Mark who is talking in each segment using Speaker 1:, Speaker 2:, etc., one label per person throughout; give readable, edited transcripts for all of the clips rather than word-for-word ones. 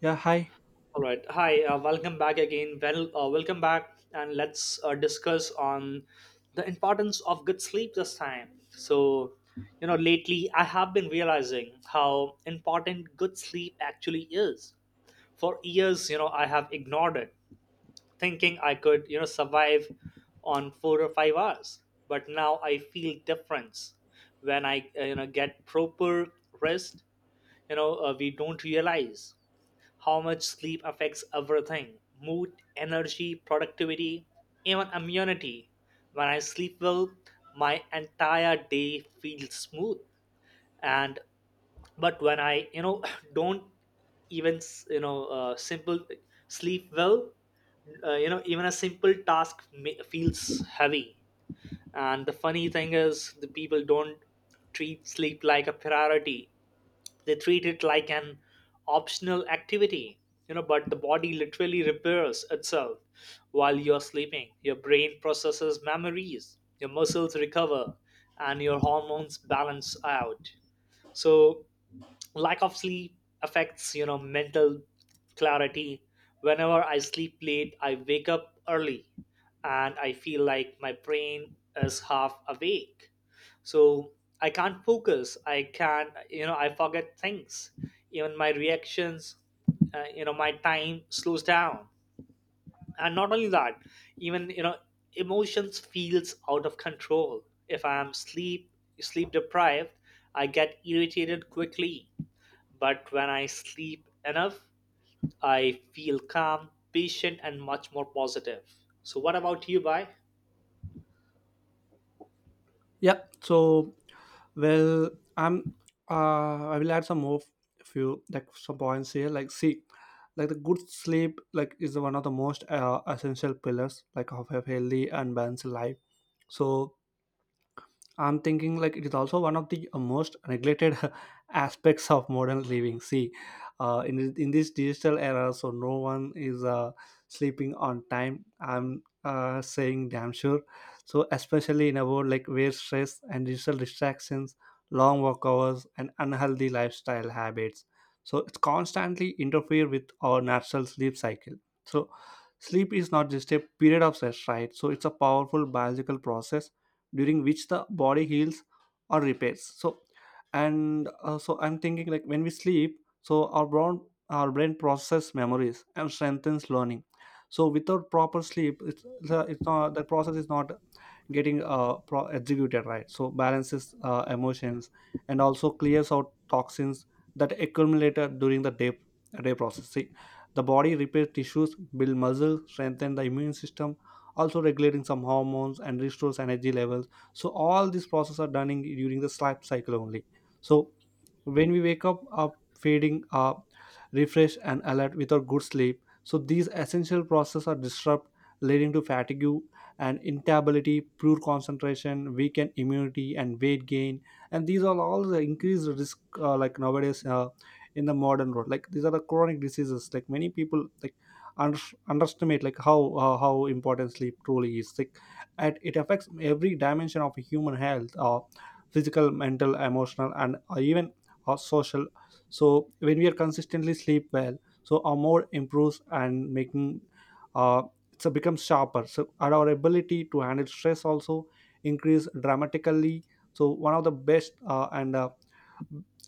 Speaker 1: Yeah, hi.
Speaker 2: All right. Hi. Welcome back again. Welcome back, and let's discuss on the importance of good sleep this time. So, lately I have been realizing how important good sleep actually is. For years, I have ignored it, thinking I could, survive on 4 or 5 hours. But now I feel difference when I get proper rest. We don't realize how much sleep affects everything: mood, energy, productivity, even immunity. When I sleep well, my entire day feels smooth, and but when I don't even s- you know simple sleep well, even a simple task feels heavy. And the funny thing is the people don't treat sleep like a priority, they treat it like an optional activity. But the body literally repairs itself while you're sleeping. Your brain processes memories, your muscles recover, and your hormones balance out. So lack of sleep affects mental clarity. Whenever I sleep late, I wake up early, and I feel like my brain is half awake. So I can't focus, I can't I forget things. Even my reactions, my time slows down. And not only that, even emotions feels out of control. If I'm sleep deprived, I get irritated quickly. But when I sleep enough, I feel calm, patient, and much more positive. So, what about you, Bai?
Speaker 1: Yeah, so well, I'm I will add some more few like some points here. Like see, like the good sleep like is one of the most essential pillars like of a healthy and balanced life. So I'm thinking like it is also one of the most neglected aspects of modern living. See, in this digital era, so no one is sleeping on time. I'm saying damn sure. So especially in a world like where stress and digital distractions, long work hours, and unhealthy lifestyle habits, so it's constantly interfere with our natural sleep cycle. So sleep is not just a period of rest, right? So it's a powerful biological process during which the body heals or repairs so and so I'm thinking like when we sleep so our brain processes memories and strengthens learning. So without proper sleep, it's the it's not the process is not getting executed right, so balances emotions and also clears out toxins that accumulated during the day process. See, the body repairs tissues, build muscle, strengthen the immune system, also regulating some hormones and restores energy levels. So all these process are done in, during the sleep cycle only. So when we wake up refreshed and alert, without good sleep so these essential processes are disrupted, leading to fatigue and irritability, poor concentration, weakened immunity and weight gain. And these are all the increased risk like nowadays in the modern world, like these are the chronic diseases. Like many people like under, underestimate like how important sleep truly is. Like, and it affects every dimension of human health, physical, mental, emotional and even social. So when we are consistently sleep well, so our mood improves and making uh, so becomes sharper, so and our ability to handle stress also increase dramatically. So one of the best and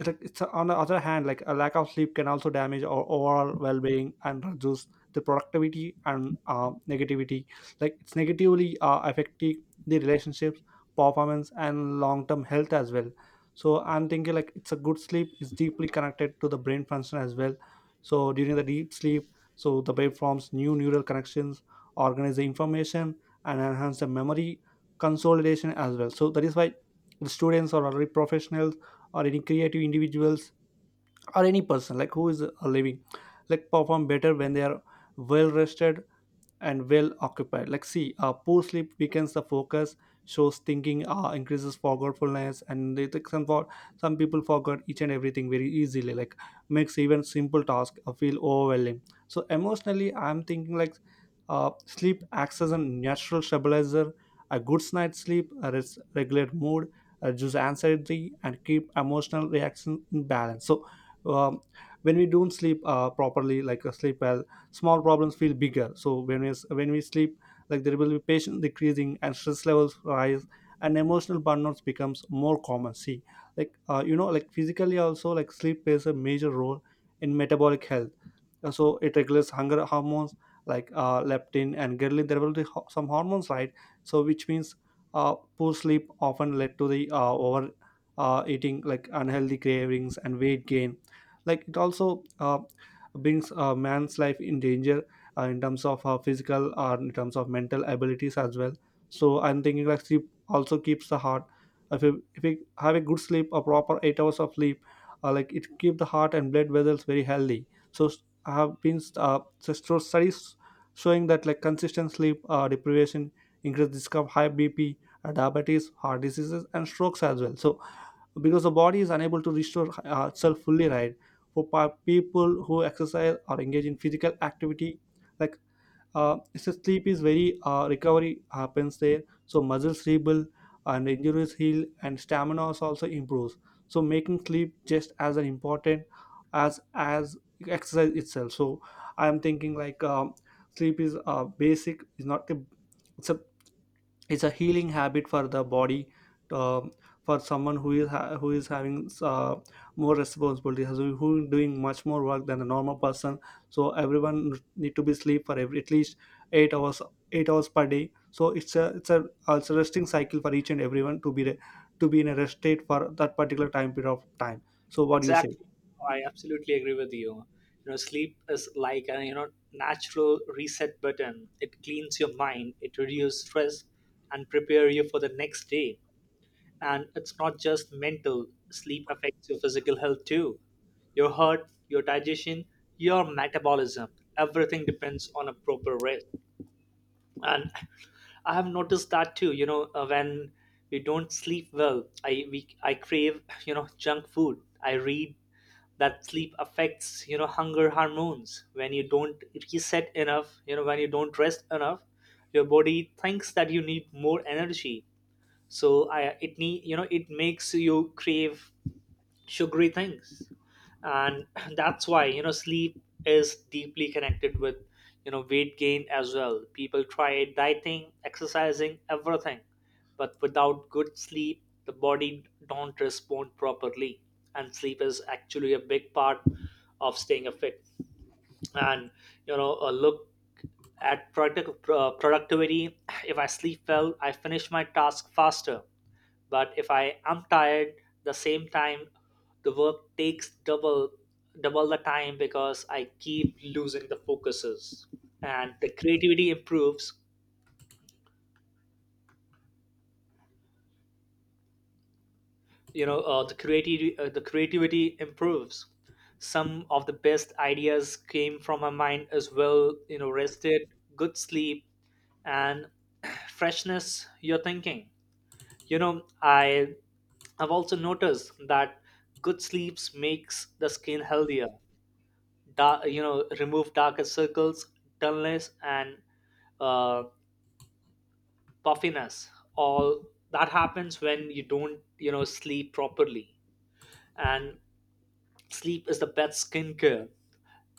Speaker 1: like it's on the other hand, like a lack of sleep can also damage our overall well-being and reduce the productivity and negativity, like it's negatively affecting the relationships, performance and long-term health as well. So I'm thinking like it's a good sleep is deeply connected to the brain function as well. So during the deep sleep, so the brain forms new neural connections, organize the information and enhance the memory consolidation as well. So that is why the students or already professionals or any creative individuals or any person like who is living like perform better when they are well rested and well occupied. Like, see, poor sleep weakens the focus, shows thinking, increases forgetfulness, and they think some for some people forget each and everything very easily. Like, makes even simple task feel overwhelming. So emotionally, I'm thinking like, sleep acts as a natural stabilizer. A good night's sleep regulate mood, reduce anxiety, and keep emotional reaction in balance. Um, when we don't sleep properly like sleep well, small problems feel bigger. So when we sleep like there will be patient decreasing and stress levels rise and emotional burnouts becomes more common. See, like like physically also like sleep plays a major role in metabolic health. So it regulates hunger hormones, like leptin and ghrelin, there will be some hormones, right? So which means poor sleep often led to the over eating, like unhealthy cravings and weight gain. Like it also brings a man's life in danger in terms of physical or in terms of mental abilities as well. So I'm thinking like sleep also keeps the heart, if you have a good sleep, a proper 8 hours of sleep, like it keep the heart and blood vessels very healthy. So have been so studies showing that like consistent sleep deprivation increases risk of high bp, diabetes, heart diseases and strokes as well. So because the body is unable to restore itself fully, right? For people who exercise or engage in physical activity, like so sleep is very recovery happens there. So muscles rebuild and injuries heal and stamina also improves, so making sleep just as an important as exercise itself. So I am thinking like sleep is basic is not a, it's a, it's a healing habit for the body. um, for someone who is who is having more responsibilities, who is doing much more work than a normal person, so everyone need to be sleep for every, at least 8 hours, 8 hours per day. So it's a also resting cycle for each and everyone to to be in a rest state for that particular time period of time. So what do you say?
Speaker 2: Exactly. I absolutely agree with you. You know, sleep is like a natural reset button. It cleans your mind, it reduces stress, and prepare you for the next day. And it's not just mental. Sleep affects your physical health too. Your heart, your digestion, your metabolism. Everything depends on a proper rest. And I have noticed that too. When we don't sleep well, I crave junk food. I read that sleep affects hunger hormones. When you don't reset enough, when you don't rest enough, your body thinks that you need more energy. So I, it need, it makes you crave sugary things. And that's why sleep is deeply connected with weight gain as well. People try dieting, exercising everything, but without good sleep the body don't respond properly. And sleep is actually a big part of staying fit. And a look at productivity. If I sleep well, I finish my task faster. But if I am tired, the same time the work takes double the time because I keep losing the focuses. And the creativity improves. The creativity improves. Some of the best ideas came from my mind as well. You know, rested, good sleep, and freshness. Your thinking. You know, I I've also noticed that good sleeps makes the skin healthier. Dark, remove darker circles, dullness, and uh, puffiness. All that happens when you don't sleep properly. And sleep is the best skincare.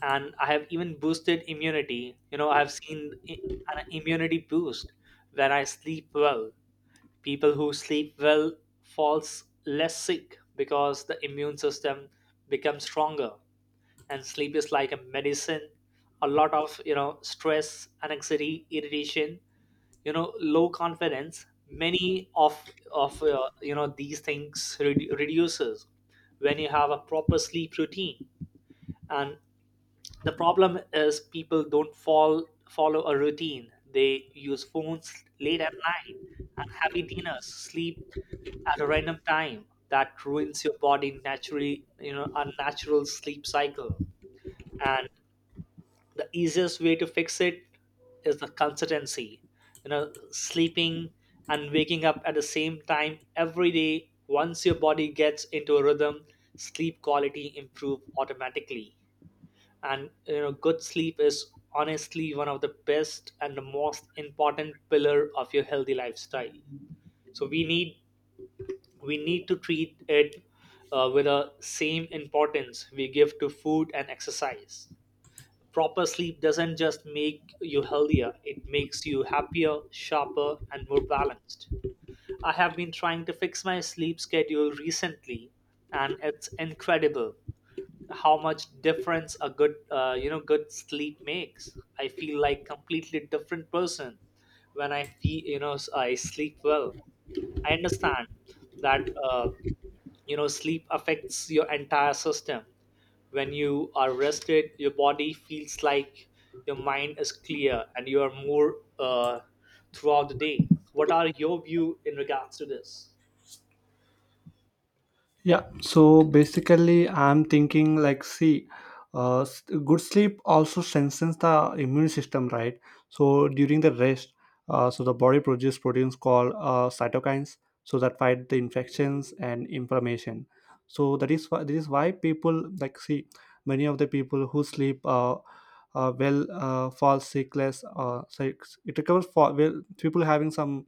Speaker 2: And I have even boosted immunity. I've seen an immunity boost when I sleep well. People who sleep well falls less sick because the immune system becomes stronger. And sleep is like a medicine. A lot of stress, anxiety, irritation, low confidence, many of these things reduces when you have a proper sleep routine. And the problem is people don't fall follow a routine. They use phones late at night, and heavy dinners, sleep at a random time that ruins your body naturally. Unnatural sleep cycle. And the easiest way to fix it is the consistency. Sleeping and waking up at the same time every day. Once your body gets into a rhythm, sleep quality improve automatically. And good sleep is honestly one of the best and the most important pillar of your healthy lifestyle. So we need to treat it with the same importance we give to food and exercise. Proper sleep doesn't just make you healthier, it makes you happier, sharper, and more balanced. I have been trying to fix my sleep schedule recently, and it's incredible how much difference a good you know good sleep makes. I feel like completely different person when I feel you know I sleep well. I understand that sleep affects your entire system. When you are rested, your body feels like, your mind is clear, and you are more throughout the day. What are your view in regards to this?
Speaker 1: Yeah, so basically, I'm thinking like, see, good sleep also strengthens the immune system, right? So during the rest, so the body produces proteins called cytokines, so that fight the infections and inflammation. So that is why people like see many of the people who sleep well fall sick less. Sick. It recovers for well people having some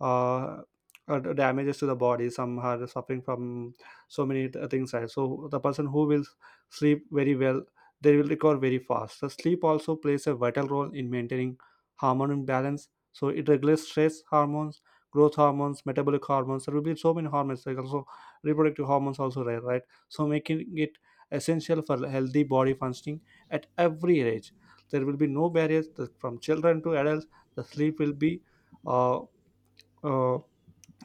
Speaker 1: uh, damages to the body. Some are suffering from so many things, right? So the person who will sleep very well, they will recover very fast. The sleep also plays a vital role in maintaining hormone balance. So it regulates stress hormones, growth hormones, metabolic hormones, there will be so many hormones, like also reproductive hormones also, right. So making it essential for healthy body functioning at every age. There will be no barriers, from children to adults, the sleep will be uh, uh,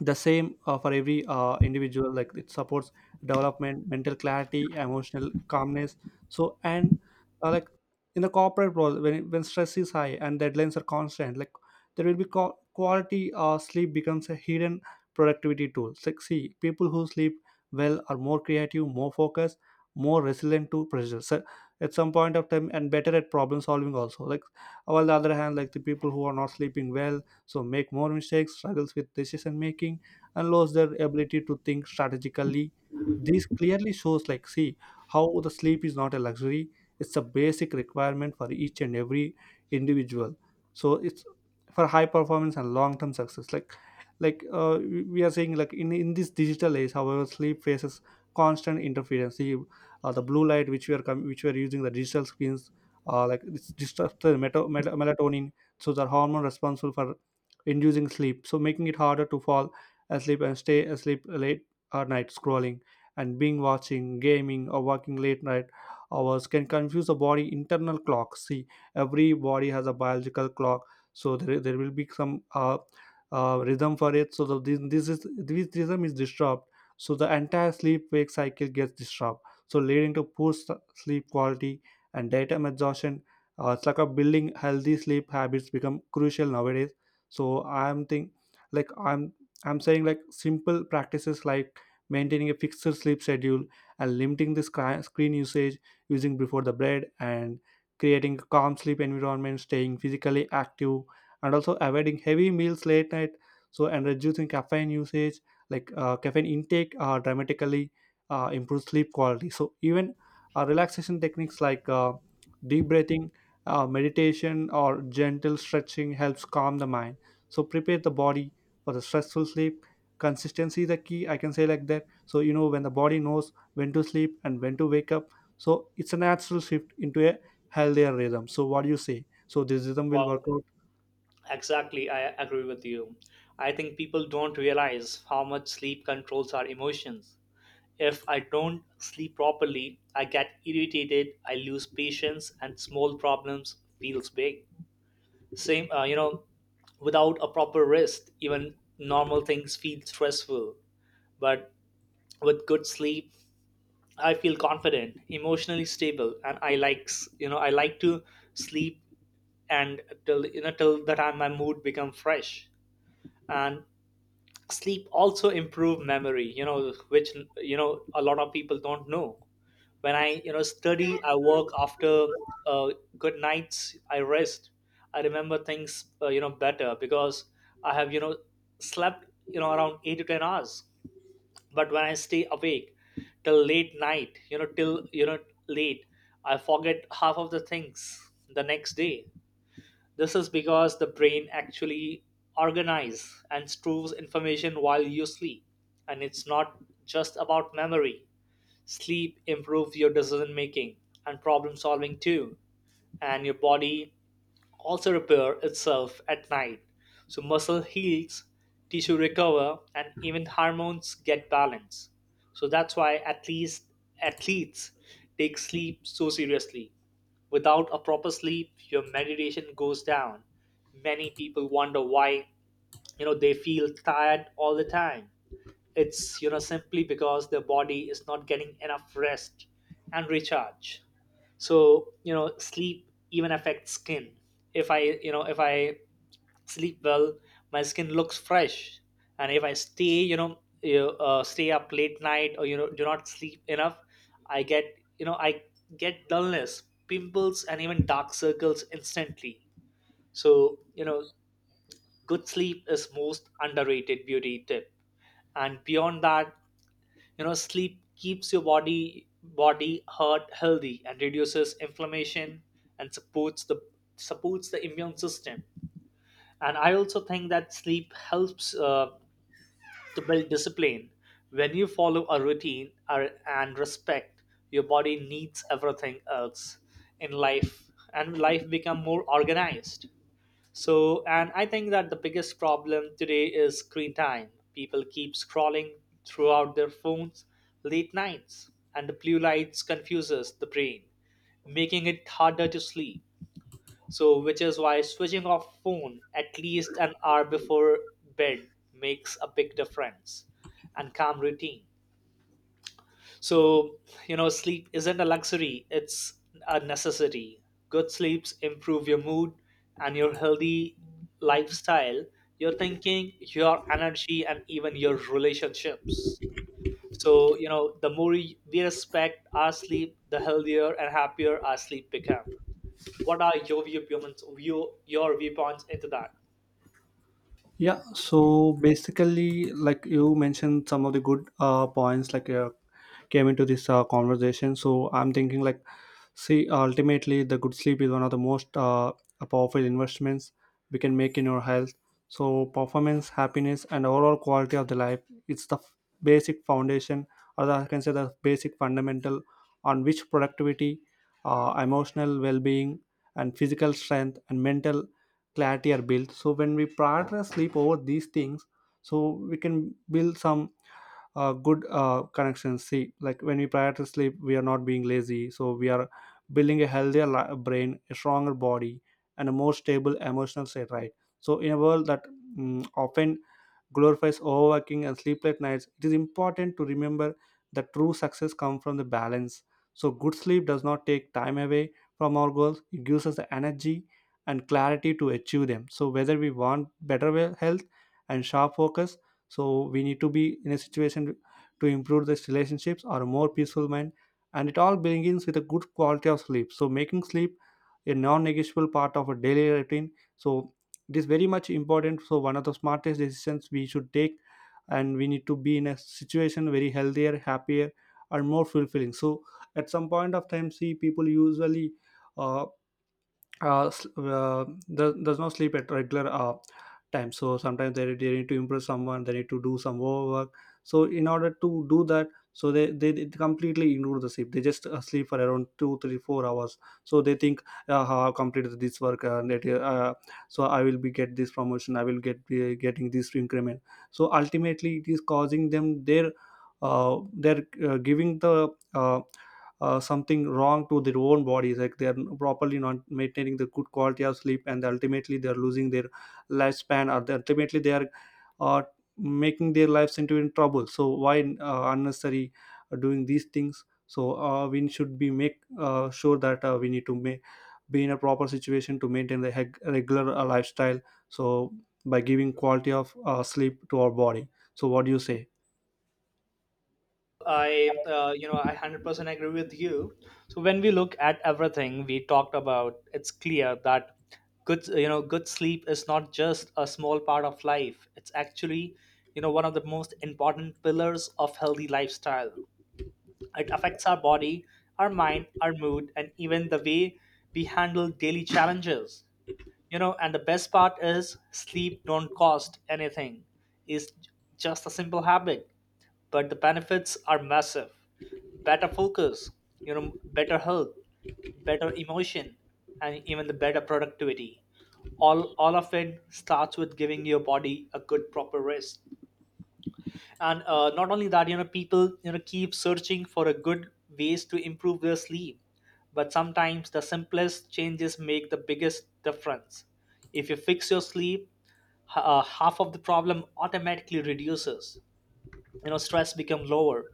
Speaker 1: the same for every individual. Like it supports development, mental clarity, emotional calmness. So and like in the corporate world, when stress is high and deadlines are constant, like there will be quality sleep becomes a hidden productivity tool. Like see, people who sleep well are more creative, more focused, more resilient to pressure. So at some point of time and better at problem solving also, like while the other hand, like the people who are not sleeping well, so make more mistakes, struggles with decision making and lost their ability to think strategically. This clearly shows like see how the sleep is not a luxury, it's a basic requirement for each and every individual. So it's for high performance and long term success, like we are saying like in this digital age, however sleep faces constant interference. See, the blue light which we are which we are using the digital screens, like it's disrupts the melatonin, so the hormone responsible for inducing sleep, so making it harder to fall asleep and stay asleep. Late at night scrolling and being watching, gaming, or working late night hours can confuse the body internal clock. See, every body has a biological clock, so there will be some rhythm for it. So this is this rhythm is disturbed, so the entire sleep wake cycle gets disturbed, so leading to poor sleep quality and daytime exhaustion. It's like a building healthy sleep habits become crucial nowadays. So like i'm I'm saying like simple practices like maintaining a fixed sleep schedule and limiting the screen usage using before the bed, and creating a calm sleep environment, staying physically active, and also avoiding heavy meals late night, so and reducing caffeine usage, like caffeine intake dramatically improves sleep quality. So even relaxation techniques like deep breathing, meditation or gentle stretching helps calm the mind, so prepare the body for the stressful sleep. Consistency is the key, I can say like that. So you know, when the body knows when to sleep and when to wake up, so it's a natural shift into a healthier rhythm. So what do you say? So this rhythm will
Speaker 2: Wow.
Speaker 1: work out.
Speaker 2: Exactly, I agree with you. I think people don't realize how much sleep controls our emotions. If I don't sleep properly, I get irritated, I lose patience, and small problems feels big. Same, without a proper rest, even normal things feel stressful. But with good sleep, I feel confident, emotionally stable, and I likes, I like to sleep, and till you know till the time my mood become fresh. And sleep also improve memory, which a lot of people don't know. When I study, I work after uh, good nights I rest. I remember things better because I have slept around 8 to 10 hours. But when I stay awake till late night, you know till you know late, I forget half of the things the next day. This is because the brain actually organizes and stores information while you sleep. And it's not just about memory. Sleep improves your decision making and problem solving too. And your body also repair itself at night. So muscle heals, tissue recover, and even hormones get balanced. So that's why at least athletes take sleep so seriously. Without a proper sleep your meditation goes down. Many people wonder why they feel tired all the time. It's simply because their body is not getting enough rest and recharge. So sleep even affects skin. If I you know if I sleep well my skin looks fresh. And if I stay stay up late night or do not sleep enough, i get I get dullness, pimples, and even dark circles instantly. So good sleep is most underrated beauty tip. And beyond that, sleep keeps your body heart healthy and reduces inflammation and supports the immune system. And I also think that sleep helps to build discipline. When you follow a routine and respect your body needs, everything else in life, and life become more organized. So and I think that the biggest problem today is screen time. People keep scrolling throughout their phones late nights, and the blue lights confuses the brain, making it harder to sleep. So, which is why switching off phone at least an hour before bed makes a big difference and calm routine. So, sleep isn't a luxury, it's a necessity. Good sleeps improve your mood and your healthy lifestyle, your thinking, your energy, and even your relationships. So, the more we respect our sleep, the healthier and happier our sleep becomes. What are your viewpoints into that?
Speaker 1: Yeah, so basically, like you mentioned, some of the good points like came into this conversation. So I'm thinking like, see, ultimately, the good sleep is one of the most powerful investments we can make in your health. So performance, happiness, and overall quality of the life, it's the basic foundation, or I can say the basic fundamental on which productivity, emotional well-being, and physical strength and mental clarity are built. So when we prioritize sleep over these things, so we can build some good connections. See, like when we prioritize sleep, we are not being lazy, so we are building a healthier brain, a stronger body, and a more stable emotional state, right? So in a world that often glorifies overworking and sleepless nights, it is important to remember that true success comes from the balance. So, good sleep does not take time away from our goals, it gives us the energy and clarity to achieve them. So, whether we want better health and sharp focus, so we need to be in a situation to improve these relationships or a more peaceful mind. And it all begins with a good quality of sleep. So, making sleep a non negotiable part of a daily routine. So, it is very much important, so one of the smartest decisions we should take, and we need to be in a situation very healthier, happier, and more fulfilling. So at some point of time, see, people usually uh, uh, s- uh, does not sleep at regular time. So sometimes they need to impress someone, they need to do some work, so in order to do that, so they completely ignore the sleep, they just sleep for around 2 3 4 hours. So they think, "How I've completed this work so I will be get this promotion, I will get be getting this increment, so ultimately it is causing them their they're giving the uh, something wrong to their own bodies." Like, they are properly not maintaining the good quality of sleep, and ultimately they are losing their lifespan, or ultimately they are uh, making their lives into in trouble. So why unnecessary doing these things? So we should be make sure that we need to make be in a proper situation to maintain the regular lifestyle, so by giving quality of sleep to our body. So what do you say?
Speaker 2: I 100% agree with you. So when we look at everything we talked about, it's clear that good you know good sleep is not just a small part of life. It's actually one of the most important pillars of healthy lifestyle. It affects our body, our mind, our mood, and even the way we handle daily challenges. And the best part is sleep don't cost anything. it's j- just a simple habit, but the benefits are massive: better focus, better health, better emotion, and even the better productivity. All of it starts with giving your body a good proper rest. And not only that, people keep searching for a good ways to improve their sleep. But sometimes the simplest changes make the biggest difference. If you fix your sleep, half of the problem automatically reduces. Stress becomes lower,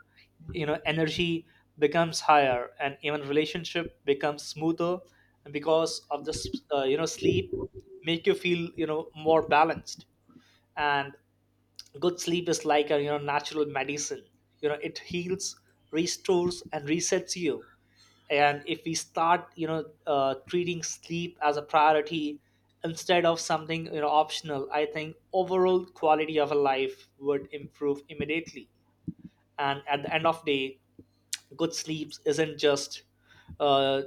Speaker 2: energy becomes higher, and even relationship becomes smoother. Because of this sleep make you feel more balanced. And good sleep is like a natural medicine. It heals, restores, and resets you. And if we start treating sleep as a priority instead of something optional, I think overall quality of a life would improve immediately. And at the end of day, good sleeps isn't uh,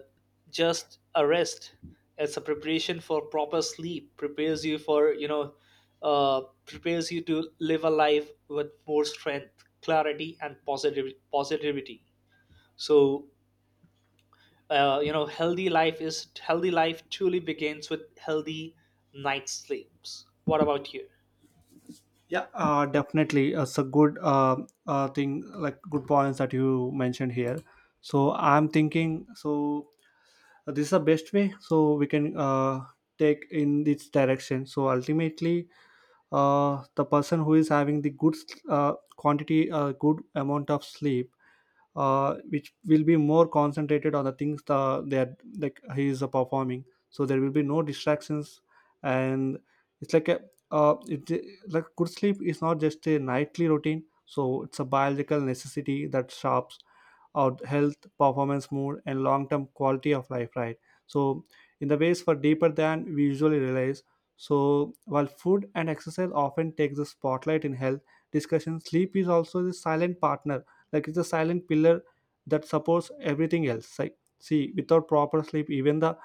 Speaker 2: just a rest. It's a preparation for proper sleep. Prepares you for you know prepares you to live a life with more strength, clarity, and positive positivity. So healthy life truly begins with healthy night sleeps. What about you?
Speaker 1: Yeah, definitely. It's a good thing, like good points that you mentioned here. So I'm thinking, so this is the best way. So we can take in this direction. So ultimately, the person who is having the good good amount of sleep, which will be more concentrated on the things that they are, like he is performing. So there will be no distractions, and it's like a it like, good sleep is not just a nightly routine. So it's a biological necessity that sharps our health, performance, mood, and long-term quality of life. Right. So in the ways for deeper than we usually realize. So while food and exercise often take the spotlight in health discussion, sleep is also the silent partner, like it's a silent pillar that supports everything else. Like, see, without proper sleep, even the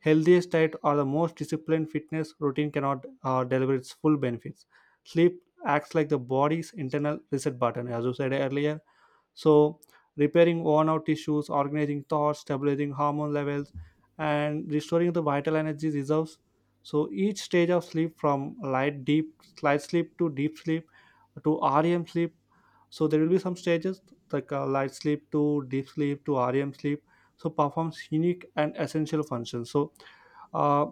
Speaker 1: healthiest diet or the most disciplined fitness routine cannot deliver its full benefits. Sleep acts like the body's internal reset button, as you said earlier, so repairing worn out tissues, organizing thoughts, stabilizing hormone levels, and restoring the vital energy reserves. So each stage of sleep, from light sleep to deep sleep to REM sleep, so there will be some stages, like light sleep to deep sleep to REM sleep, so performs unique and essential functions. So uh,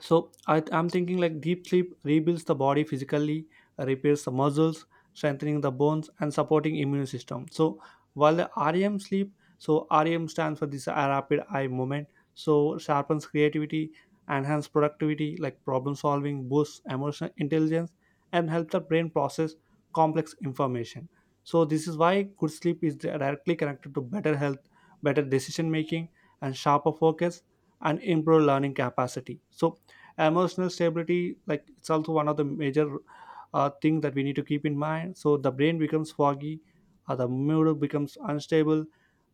Speaker 1: I'm thinking like, deep sleep rebuilds the body physically, repairs the muscles, strengthening the bones and supporting immune system. So while the REM sleep, so REM stands for this rapid eye movement, so sharpens creativity, enhance productivity like problem solving, boosts emotional intelligence, and helps the brain process complex information. So this is why good sleep is directly connected to better health, better decision making, and sharper focus, and improved learning capacity. So emotional stability, like it's also one of the major thing that we need to keep in mind. So the brain becomes foggy, the mood becomes unstable,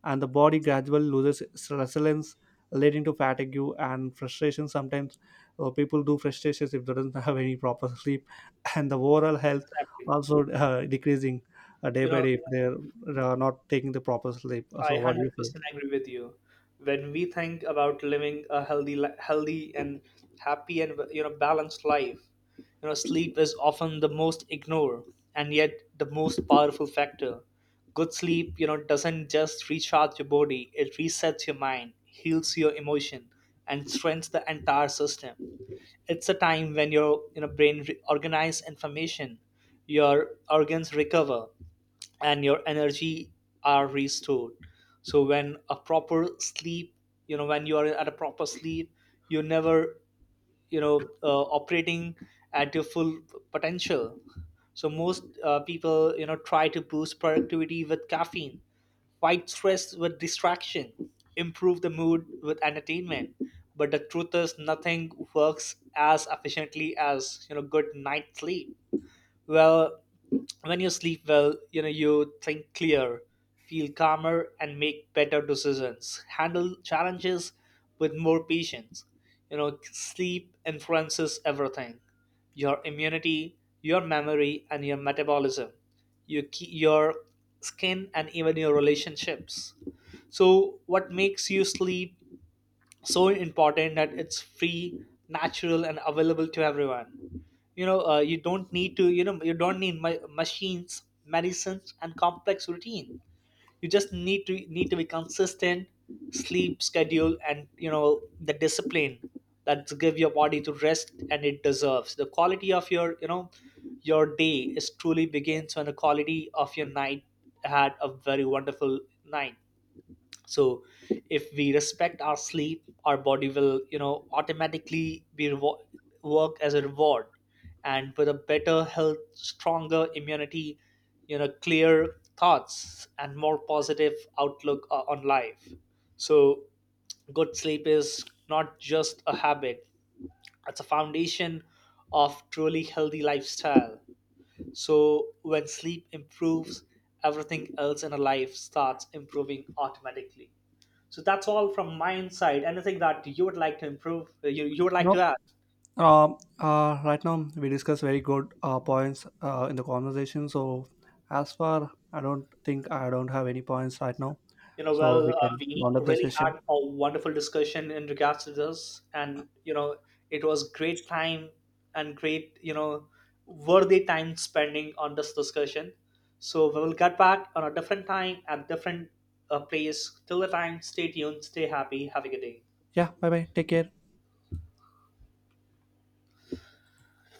Speaker 1: and the body gradually loses its resilience, leading to fatigue and frustration. Sometimes people do frustrations if they don't have any proper sleep, and the overall health
Speaker 2: Exactly.
Speaker 1: also decreasing day
Speaker 2: You
Speaker 1: by
Speaker 2: know
Speaker 1: day if they're not taking the proper sleep.
Speaker 2: I
Speaker 1: So what do you say?
Speaker 2: 100% agree with you. When we think about living a healthy and happy and balanced life, sleep is often the most ignored, and yet the most powerful factor. Good sleep, doesn't just recharge your body; it resets your mind, heals your emotion, and strengthens the entire system. It's a time when your brain organizes information, your organs recover, and your energy are restored. So when a proper sleep, when you are at a proper sleep, you're never operating at your full potential. So most people try to boost productivity with caffeine, fight stress with distraction, improve the mood with entertainment. But the truth is nothing works as efficiently as good night sleep. Well, when you sleep well, you think clear, feel calmer, and make better decisions, handle challenges with more patience. Sleep influences everything: your immunity, your memory, and your metabolism, your skin, and even your relationships. So what makes you sleep so important that it's free, natural, and available to everyone. You don't need to, you don't need machines, medicines, and complex routine. You just need to be consistent sleep schedule and the discipline that to give your body to rest and it deserves the quality of your your day is truly begins when the quality of your night had a very wonderful night. So if we respect our sleep, our body will automatically work as a reward. And with a better health, stronger immunity, clear thoughts and more positive on life. So good sleep is not just a habit, it's a foundation of truly healthy lifestyle. So when sleep improves, everything else in a life starts improving automatically. So that's all from my side. Anything that you would like to improve, you would like
Speaker 1: No.
Speaker 2: to add?
Speaker 1: Right now we discuss very good points in the conversation. So as far, I don't think, I don't have any points right now.
Speaker 2: You know,
Speaker 1: So
Speaker 2: well,
Speaker 1: we can
Speaker 2: we
Speaker 1: round up the
Speaker 2: really had
Speaker 1: session.
Speaker 2: a wonderful discussion in regards to this, and you know, it was great time and great, worthy time spending on this discussion. So we will get back on a different time at different place. Till the time, stay tuned, stay happy, have a good day.
Speaker 1: Yeah. Bye bye. Take care.